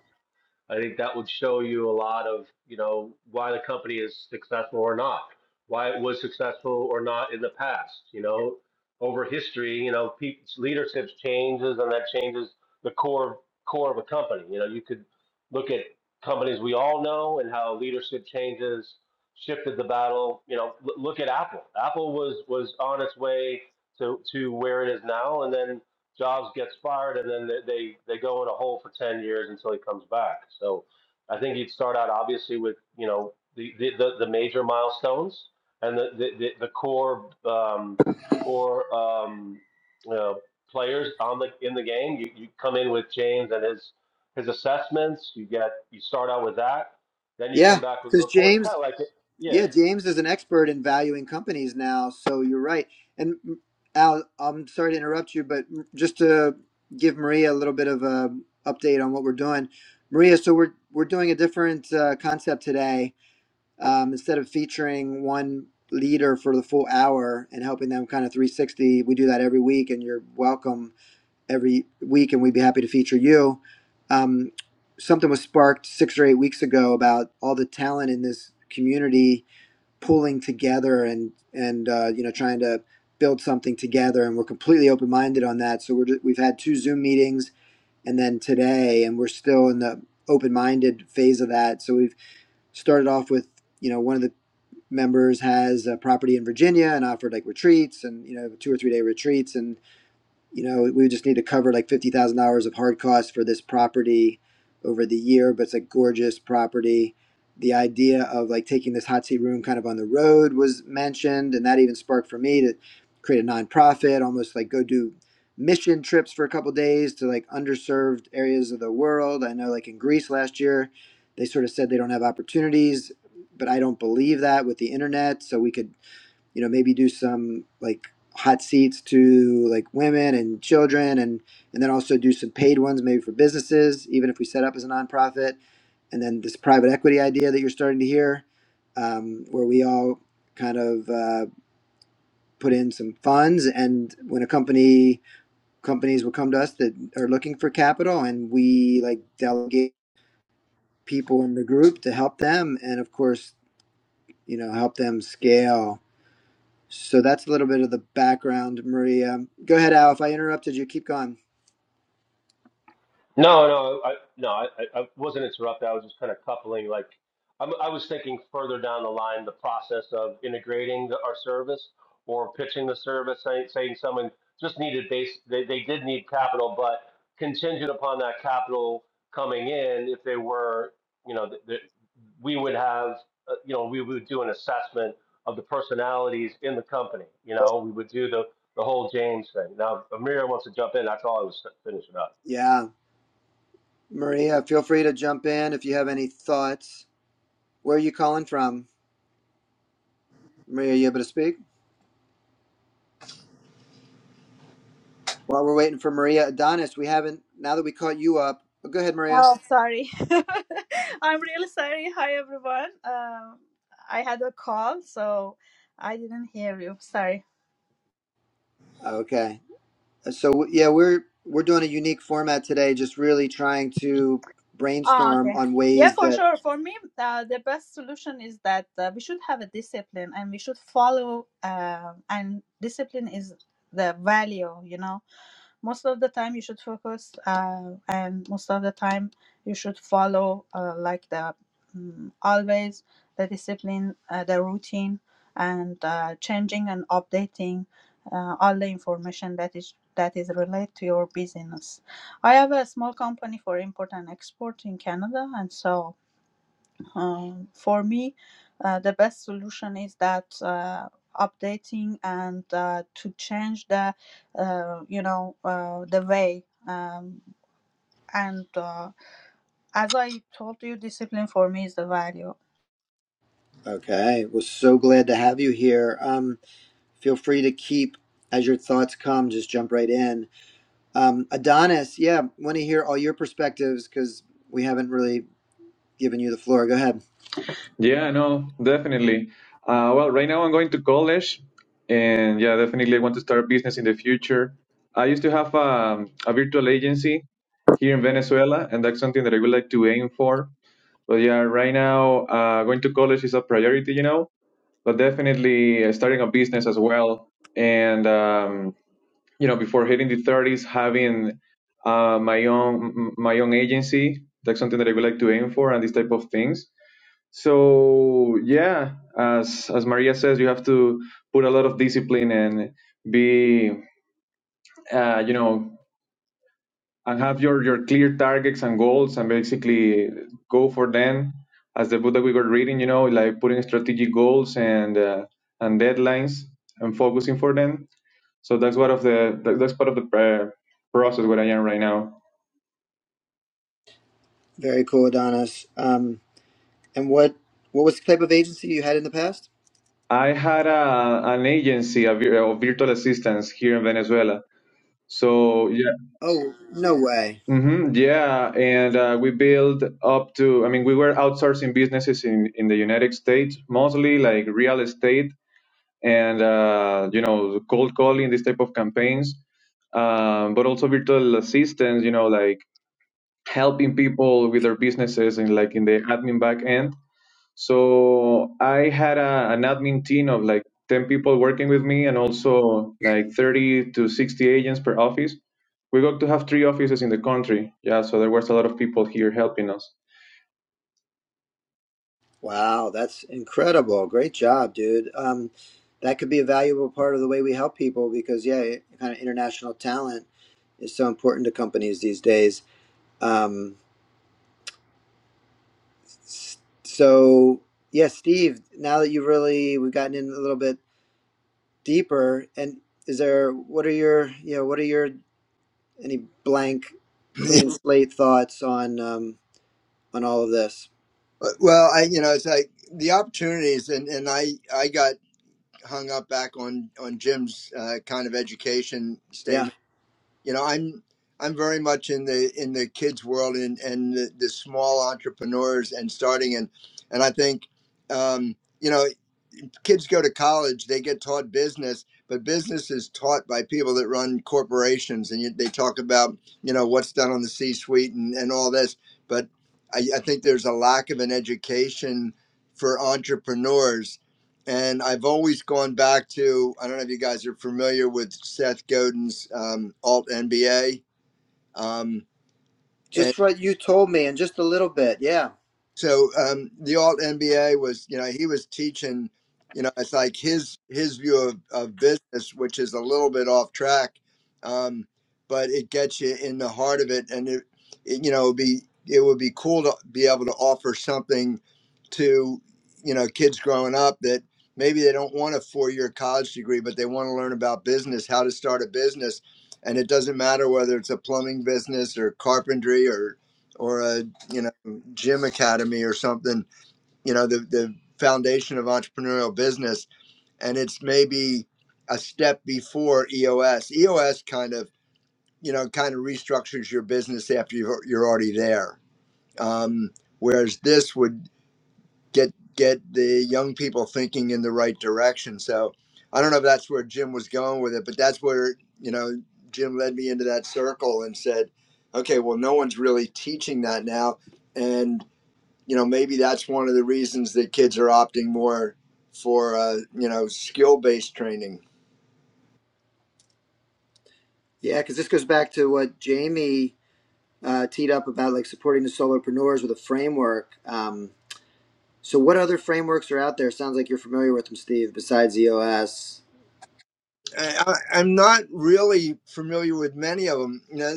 I think that would show you a lot of, you know, why the company is successful or not, why it was successful or not in the past. You know, over history, you know, peop leadership changes and that changes the core core of a company. You know, you could look at companies we all know and how leadership changes shifted the battle. You know, l- look at Apple. Apple was was on its way to to where it is now, and then Jobs gets fired, and then they, they they go in a hole for ten years until he comes back. So I think you'd start out obviously with you know the the, the, the major milestones and the the, the, the core um, core um, you know players on the in the game. You, you come in with James and his his assessments. You get you start out with that. Then you Yeah, come back with because reports, kind James, of like yeah. yeah, James is an expert in valuing companies now. So you're right. And mm, Al, I'm sorry to interrupt you, but mm, just to give Maria a little bit of a update on what we're doing, Maria. So we're we're doing a different uh, concept today. Um, instead of featuring one leader for the full hour and helping them kind of 360, we do that every week. And you're welcome every week, and we'd be happy to feature you. Um, something was sparked six or eight weeks ago about all the talent in this community pulling together and and uh, you know trying to build something together, and we're completely open minded on that. So we're ju- we've had two Zoom meetings, and then today, and we're still in the open minded phase of that. So we've started off with you know one of the members has a property in Virginia and offered like retreats and you know two or three day retreats and you know, we just need to cover like fifty thousand dollars of hard costs for this property over the year, but it's a gorgeous property. The idea of like taking this hot seat room kind of on the road was mentioned, and that even sparked for me to create a nonprofit, almost like go do mission trips for a couple of days to like underserved areas of the world. I know like in Greece last year, they sort of said they don't have opportunities, but I don't believe that with the internet. So we could you know maybe do some like hot seats to like women and children and and then also do some paid ones maybe for businesses even if we set up as a nonprofit and then this private equity idea that you're starting to hear um, where we all kind of uh, put in some funds and when a company companies will come to us that are looking for capital and we like delegate people in the group to help them and of course you know help them scale So that's a little bit of the background, Maria. Go ahead, Al. If I interrupted you, keep going. No, no, I, no, I, I I wasn't interrupted. I was just kind of coupling, like, I'm, I was thinking further down the line, the process of integrating the, our service or pitching the service, saying, saying someone just needed base, they, they did need capital, but contingent upon that capital coming in, if they were, you know, th th we would have, uh, you know, we would do an assessment of the personalities in the company. You know, we would do the, the whole James thing. Now, if Amir wants to jump in. That's all I was finishing up. Yeah. Maria, feel free to jump in if you have any thoughts. Where are you calling from? Maria, you able to speak? While we're waiting for Maria Adonis, we haven't, now that we caught you up, oh, go ahead, Maria. Oh, sorry. I'm really sorry. Hi, everyone. Um, I had a call, so I didn't hear you. Sorry. Okay. So, yeah, we're, we're doing a unique format today, just really trying to Oh, brainstorm okay. on Yeah, ways for that, sure. For me, uh, the best solution is that uh, we should have a discipline and we should follow, uh, and discipline is the value, you know. Most of the time, you should focus, uh, and most of the time, you should follow, uh, like the mm always the discipline, uh, the routine, and uh, changing and updating uh, all the information that is that is related to your business I have a small company for import and export in Canada, and so um, for me, uh, the best solution is that uh, updating and uh, to change the uh, you know uh, the way. Um, and uh, as I told you, discipline for me is the value. okay, we're so glad to have you here. Um, feel free to keep, as your thoughts come, just jump right in Um, Adonis, yeah, want to hear all your perspectives because we haven't really given you the floor. Go ahead. Yeah, no, definitely. Uh, well, right now I'm going to college, and yeah, definitely I want to start a business in the future. I used to have um, a virtual agency here in Venezuela, and that's something that I would like to aim for But yeah, right now, uh, going to college is a priority, you know, but definitely uh, starting a business as well. And, um, you know, before hitting the 30s, having uh, my own m- my own agency, that's something that I would like to aim for and these type of things. So yeah, as as Maria says, you have to put a lot of discipline and be, uh, you know, and have your your clear targets and goals and basically go for them as the book that we were reading you know like putting strategic goals and uh, and deadlines and focusing for them so that's one of the that- that's part of the uh, process where i am right now Very cool, Adonis. Um, and what what was the type of agency you had in the past? i had a, an agency a vir- of virtual assistants here in venezuela so yeah Oh, no way! hmm yeah and uh, we built up to i mean we were outsourcing businesses in in the united states mostly like real estate and uh, you know cold calling these type of campaigns um, but also virtual assistants you know like helping people with their businesses and like in the admin back end so i had a, an admin team of like 10 people working with me and also like 30 to 60 agents per office we got to have three offices in the country yeah so there was a lot of people here helping us Wow, that's incredible. Great job, dude. Um, that could be a valuable part of the way we help people because yeah, kind of international talent is so important to companies these days. Um, s- so yeah, Steve. Now that you've really we've gotten in a little bit deeper and is there what are your you know what are your any blank clean slate thoughts on um on all of this well, I you know it's like the opportunities, and and I I got hung up back on on Jim's uh, kind of education yeah statement. You know, I'm I'm very much in the in the kids world and and the, the small entrepreneurs and starting and and I think um, you know. kids go to college, they get taught business, but business is taught by people that run corporations, and you, they talk about you know what's done on the C-suite and, and all this. But I, I think there's a lack of an education for entrepreneurs, and I've always gone back to I don't know if you guys are familiar with Seth Godin's um, Alt MBA. Um, and just what you told me and just a little bit yeah so um, the alt MBA was, you know, he was teaching, you know, it's like his his view of, of business, which is a little bit off track, um, but it gets you in the heart of it, and it, it you know, would be it would be cool to be able to offer something to, you know, kids growing up that maybe they don't want a four year college degree, but they want to learn about business, how to start a business, and it doesn't matter whether it's a plumbing business or carpentry or or a you know gym academy or something you know the, the foundation of entrepreneurial business and it's maybe a step before eos eos kind of you know kind of restructures your business after you're, you're already there um, whereas this would get get the young people thinking in the right direction so i don't know if that's where jim was going with it but that's where you know jim led me into that circle and said okay well no one's really teaching that now and you know maybe that's one of the reasons that kids are opting more for uh, you know skill based training. yeah because this goes back to what jamie uh, teed up about like supporting the solopreneurs with a framework um so what other frameworks are out there sounds like you're familiar with them steve besides eos I, I, I'm not really familiar with many of them. You know,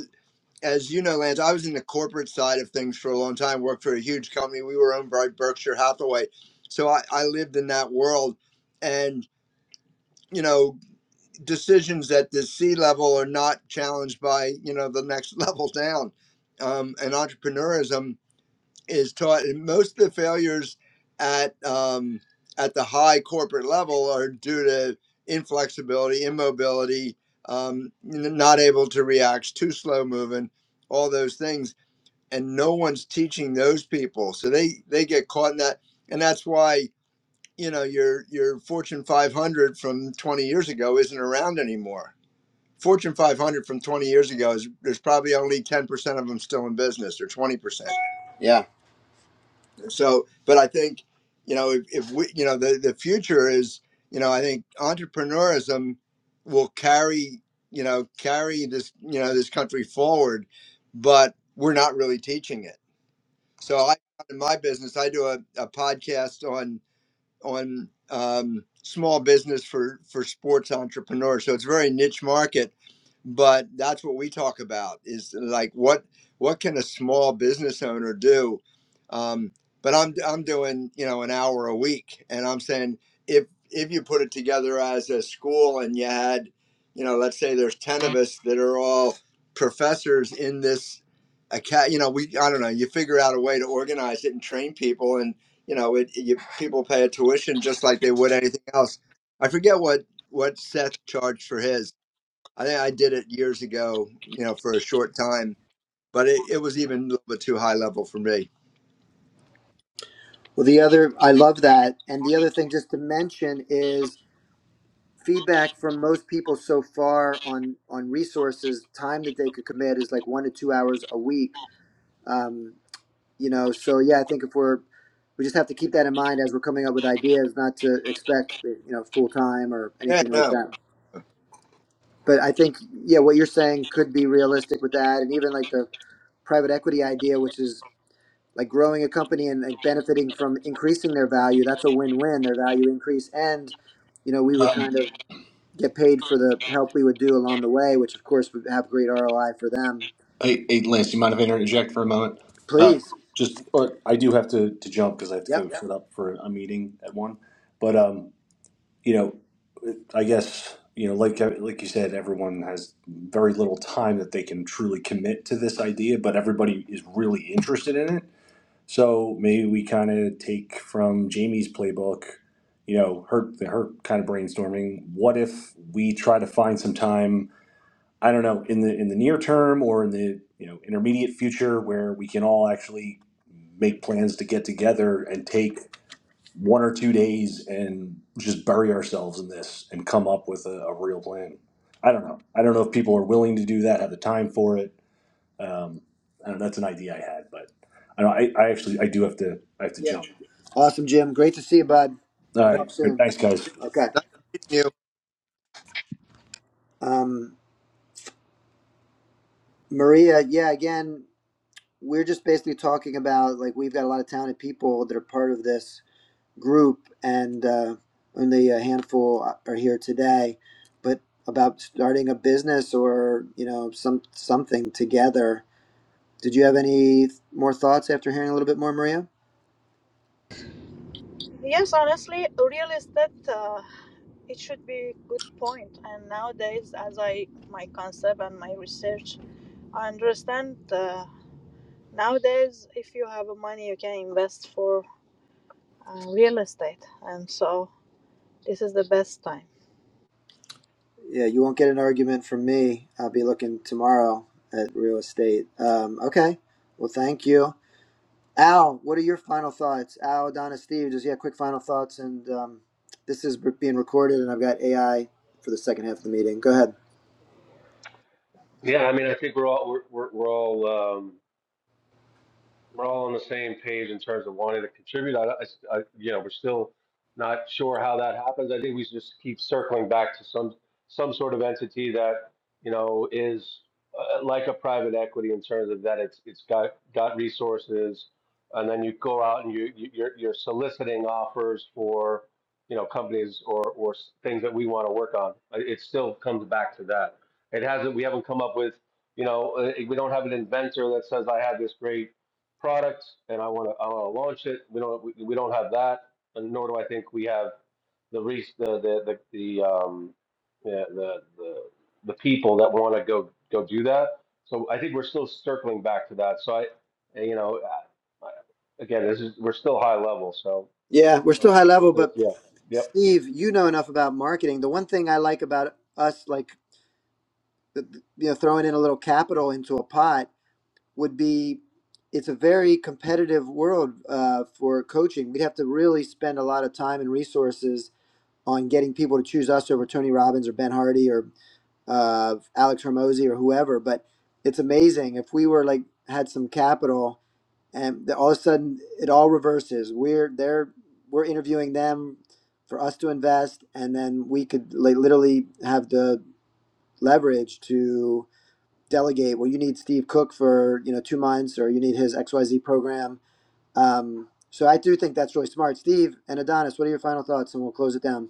as you know, Lance, I was in the corporate side of things for a long time. Worked for a huge company. We were owned by Berkshire Hathaway, so I, I lived in that world, and you know decisions at the C level are not challenged by you know the next level down. Um, and entrepreneurism is taught and most of the failures at um, at the high corporate level are due to inflexibility immobility um, not able to react too slow moving all those things and no one's teaching those people so they they get caught in that and that's why you know your your fortune 500 from 20 years ago isn't around anymore fortune 500 from 20 years ago is there's probably only 10% of them still in business or 20% yeah so but i think you know if, if we you know the, the future is you know i think entrepreneurism will carry you know carry this you know this country forward but we're not really teaching it so i in my business i do a, a podcast on on um, small business for for sports entrepreneurs. So it's a very niche market, but that's what we talk about is like what what can a small business owner do? Um, but I'm I'm doing you know an hour a week, and I'm saying if if you put it together as a school and you had you know let's say there's ten of us that are all professors in this. Account, you know, we I don't know. You figure out a way to organize it and train people, and you know, it, you, people pay a tuition just like they would anything else. I forget what what Seth charged for his. I think I did it years ago, you know, for a short time, but it, it was even a little bit too high level for me. well the other i love that and the other thing just to mention is feedback from most people so far on on resources time that they could commit is like one to two hours a week um, you know so yeah i think if we're we just have to keep that in mind as we're coming up with ideas not to expect eh, you know full time or Yeah, anything like no. that but i think yeah what you're saying could be realistic with that and even like the private equity idea which is like growing a company and like benefiting from increasing their value that's a win-win their value increase and you know we would um, kind of get paid for the help we would do along the way, which of course would have great ROI for them. hey, hey, Lance, do you mind if I interject for a moment? Uh, Please. just, or I do have to, to jump because I have to Yep. go set up for a meeting at one. But um, you know, I guess you know, like like you said, everyone has very little time that they can truly commit to this idea, but everybody is really interested in it So maybe we kind of take from Jamie's playbook, you know, her her kind of brainstorming. What if we try to find some time? I don't know in the in the near term or in the you know intermediate future where we can all actually make plans to get together and take one or two days and just bury ourselves in this and come up with a, a real plan. I don't know. I don't know if people are willing to do that, have the time for it um, I don't know, that's an idea I had, but I don't, I, I actually, I do have to, I have to Yeah. jump. Awesome, Jim. Great to see you, bud. All We'll talk right, all right, soon. thanks, guys. Okay. Nice meeting you. Um, Maria, yeah, again, we're just basically talking about like we've got a lot of talented people that are part of this group, and uh, only a handful are here today. But about starting a business or you know some something together Did you have any th- more thoughts after hearing a little bit more, Maria? Yes, honestly, real estate uh, it should be good point. And nowadays, as I my concept and my research, I understand. uh, Nowadays, if you have money, you can invest for uh, real estate, and so this is the best time. Yeah, you won't get an argument from me. I'll be looking tomorrow at real estate. Um, okay. Well, thank you. Al, what are your final thoughts? Al, Donna, Steve, just yeah, quick final thoughts. And um, this is being recorded, and I've got AI for the second half of the meeting. Go ahead. Yeah, I mean, I think we're all we're we're, we're all um, we're all on the same page in terms of wanting to contribute. I, I- I- you know, we're still not sure how that happens. I think we should just keep circling back to some, some sort of entity that, you know, is uh, like a private equity in terms of that it's, it's got, got resources. And then you go out and you, you- you're, you're soliciting offers for, you know, companies or, or things that we want to work on. Uh, It still comes back to that. It hasn't, we haven't come up with, you know, uh, we don't have an inventor that says, I have this great product and I want to I want to launch it. We don't we, we don't have that, and nor do I think we have the re- the the the, the um the the the, the people that want to go go do that. So I think we're still circling back to that. So I you know I, I- again this is we're still high level. So Yeah, we're that's, still high level, that's it. but yeah yep Steve, you know enough about marketing. The one thing I like about us, like you know, throwing in a little capital into a pot, would be it's a very competitive world uh, for coaching. We'd have to really spend a lot of time and resources on getting people to choose us over Tony Robbins or Ben Hardy or uh, Alex Hermosi or whoever. But it's amazing if we were like had some capital and the, all of a sudden it all reverses. We're they're we're interviewing them for us to invest, and then we could like, literally have the leverage to delegate. Well, you need Steve Cook for you know two months, or you need his X Y Z program. Um, so I do think that's really smart, Steve and Adonis. What are your final thoughts, and we'll close it down.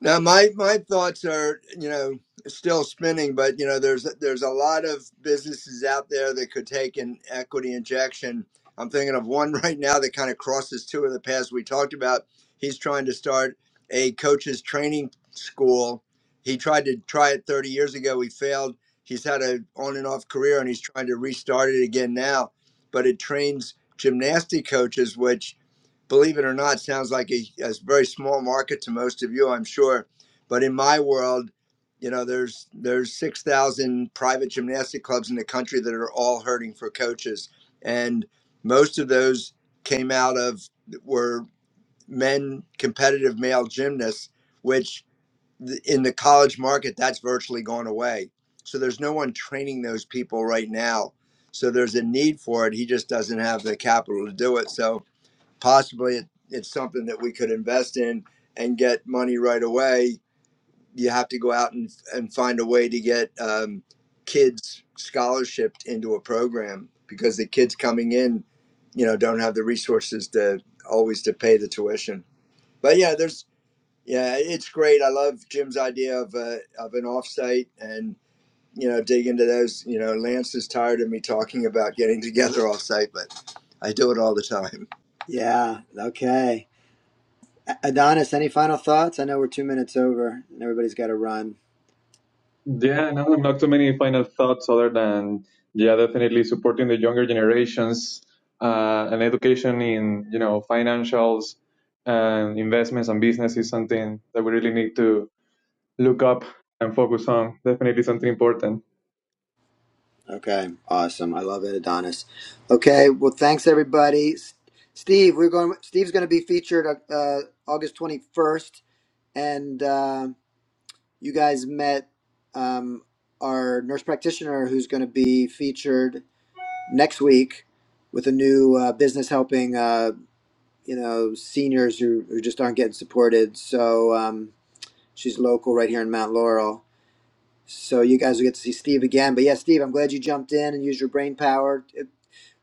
Now, my my thoughts are, you know, still spinning, but you know, there's there's a lot of businesses out there that could take an equity injection. I'm thinking of one right now that kind of crosses two of the paths we talked about. He's trying to start a coaches training school. He tried to try it 30 years ago. He failed. He's had a on and off career, and he's trying to restart it again now. But it trains gymnastic coaches, which believe it or not, sounds like a, a very small market to most of you, I'm sure. But in my world, you know, there's there's six thousand private gymnastic clubs in the country that are all hurting for coaches, and most of those came out of were men competitive male gymnasts, which th- in the college market that's virtually gone away. So there's no one training those people right now. So there's a need for it. He just doesn't have the capital to do it. So possibly it, it's something that we could invest in and get money right away. You have to go out and, and find a way to get um, kids scholarshiped into a program because the kids coming in, you know, don't have the resources to always to pay the tuition. But yeah, there's yeah, it's great. I love Jim's idea of a, of an offsite and you know dig into those. You know, Lance is tired of me talking about getting together offsite, but I do it all the time. Yeah. Okay. Adonis, any final thoughts? I know we're two minutes over, and everybody's got to run. Yeah, no, no, not too many final thoughts other than yeah, definitely supporting the younger generations uh, and education in you know financials and investments and business is something that we really need to look up and focus on. Definitely something important. Okay, awesome. I love it, Adonis. Okay, well, thanks everybody. S- Steve, we're going. Steve's going to be featured uh, August twenty first, and uh, you guys met um, our nurse practitioner, who's going to be featured next week with a new uh, business helping uh, you know seniors who, who just aren't getting supported. So um, she's local right here in Mount Laurel. So you guys will get to see Steve again. But yeah, Steve, I'm glad you jumped in and used your brain power.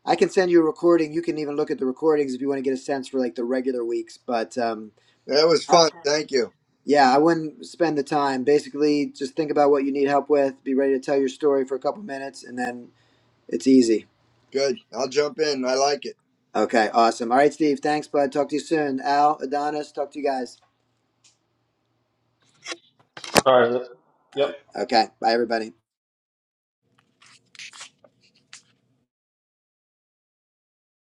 I can send you a recording. You can even look at the recordings if you want to get a sense for like the regular weeks. But um, That was I, fun. Thank you. yeah, I wouldn't spend the time. Basically, just think about what you need help with. Be ready to tell your story for a couple minutes, and then it's easy. Good. I'll jump in. I like it. Okay, awesome. All right, Steve. Thanks, bud. Talk to you soon. Al, Adonis, talk to you guys. All right. Yep. Uh, Okay, bye, everybody.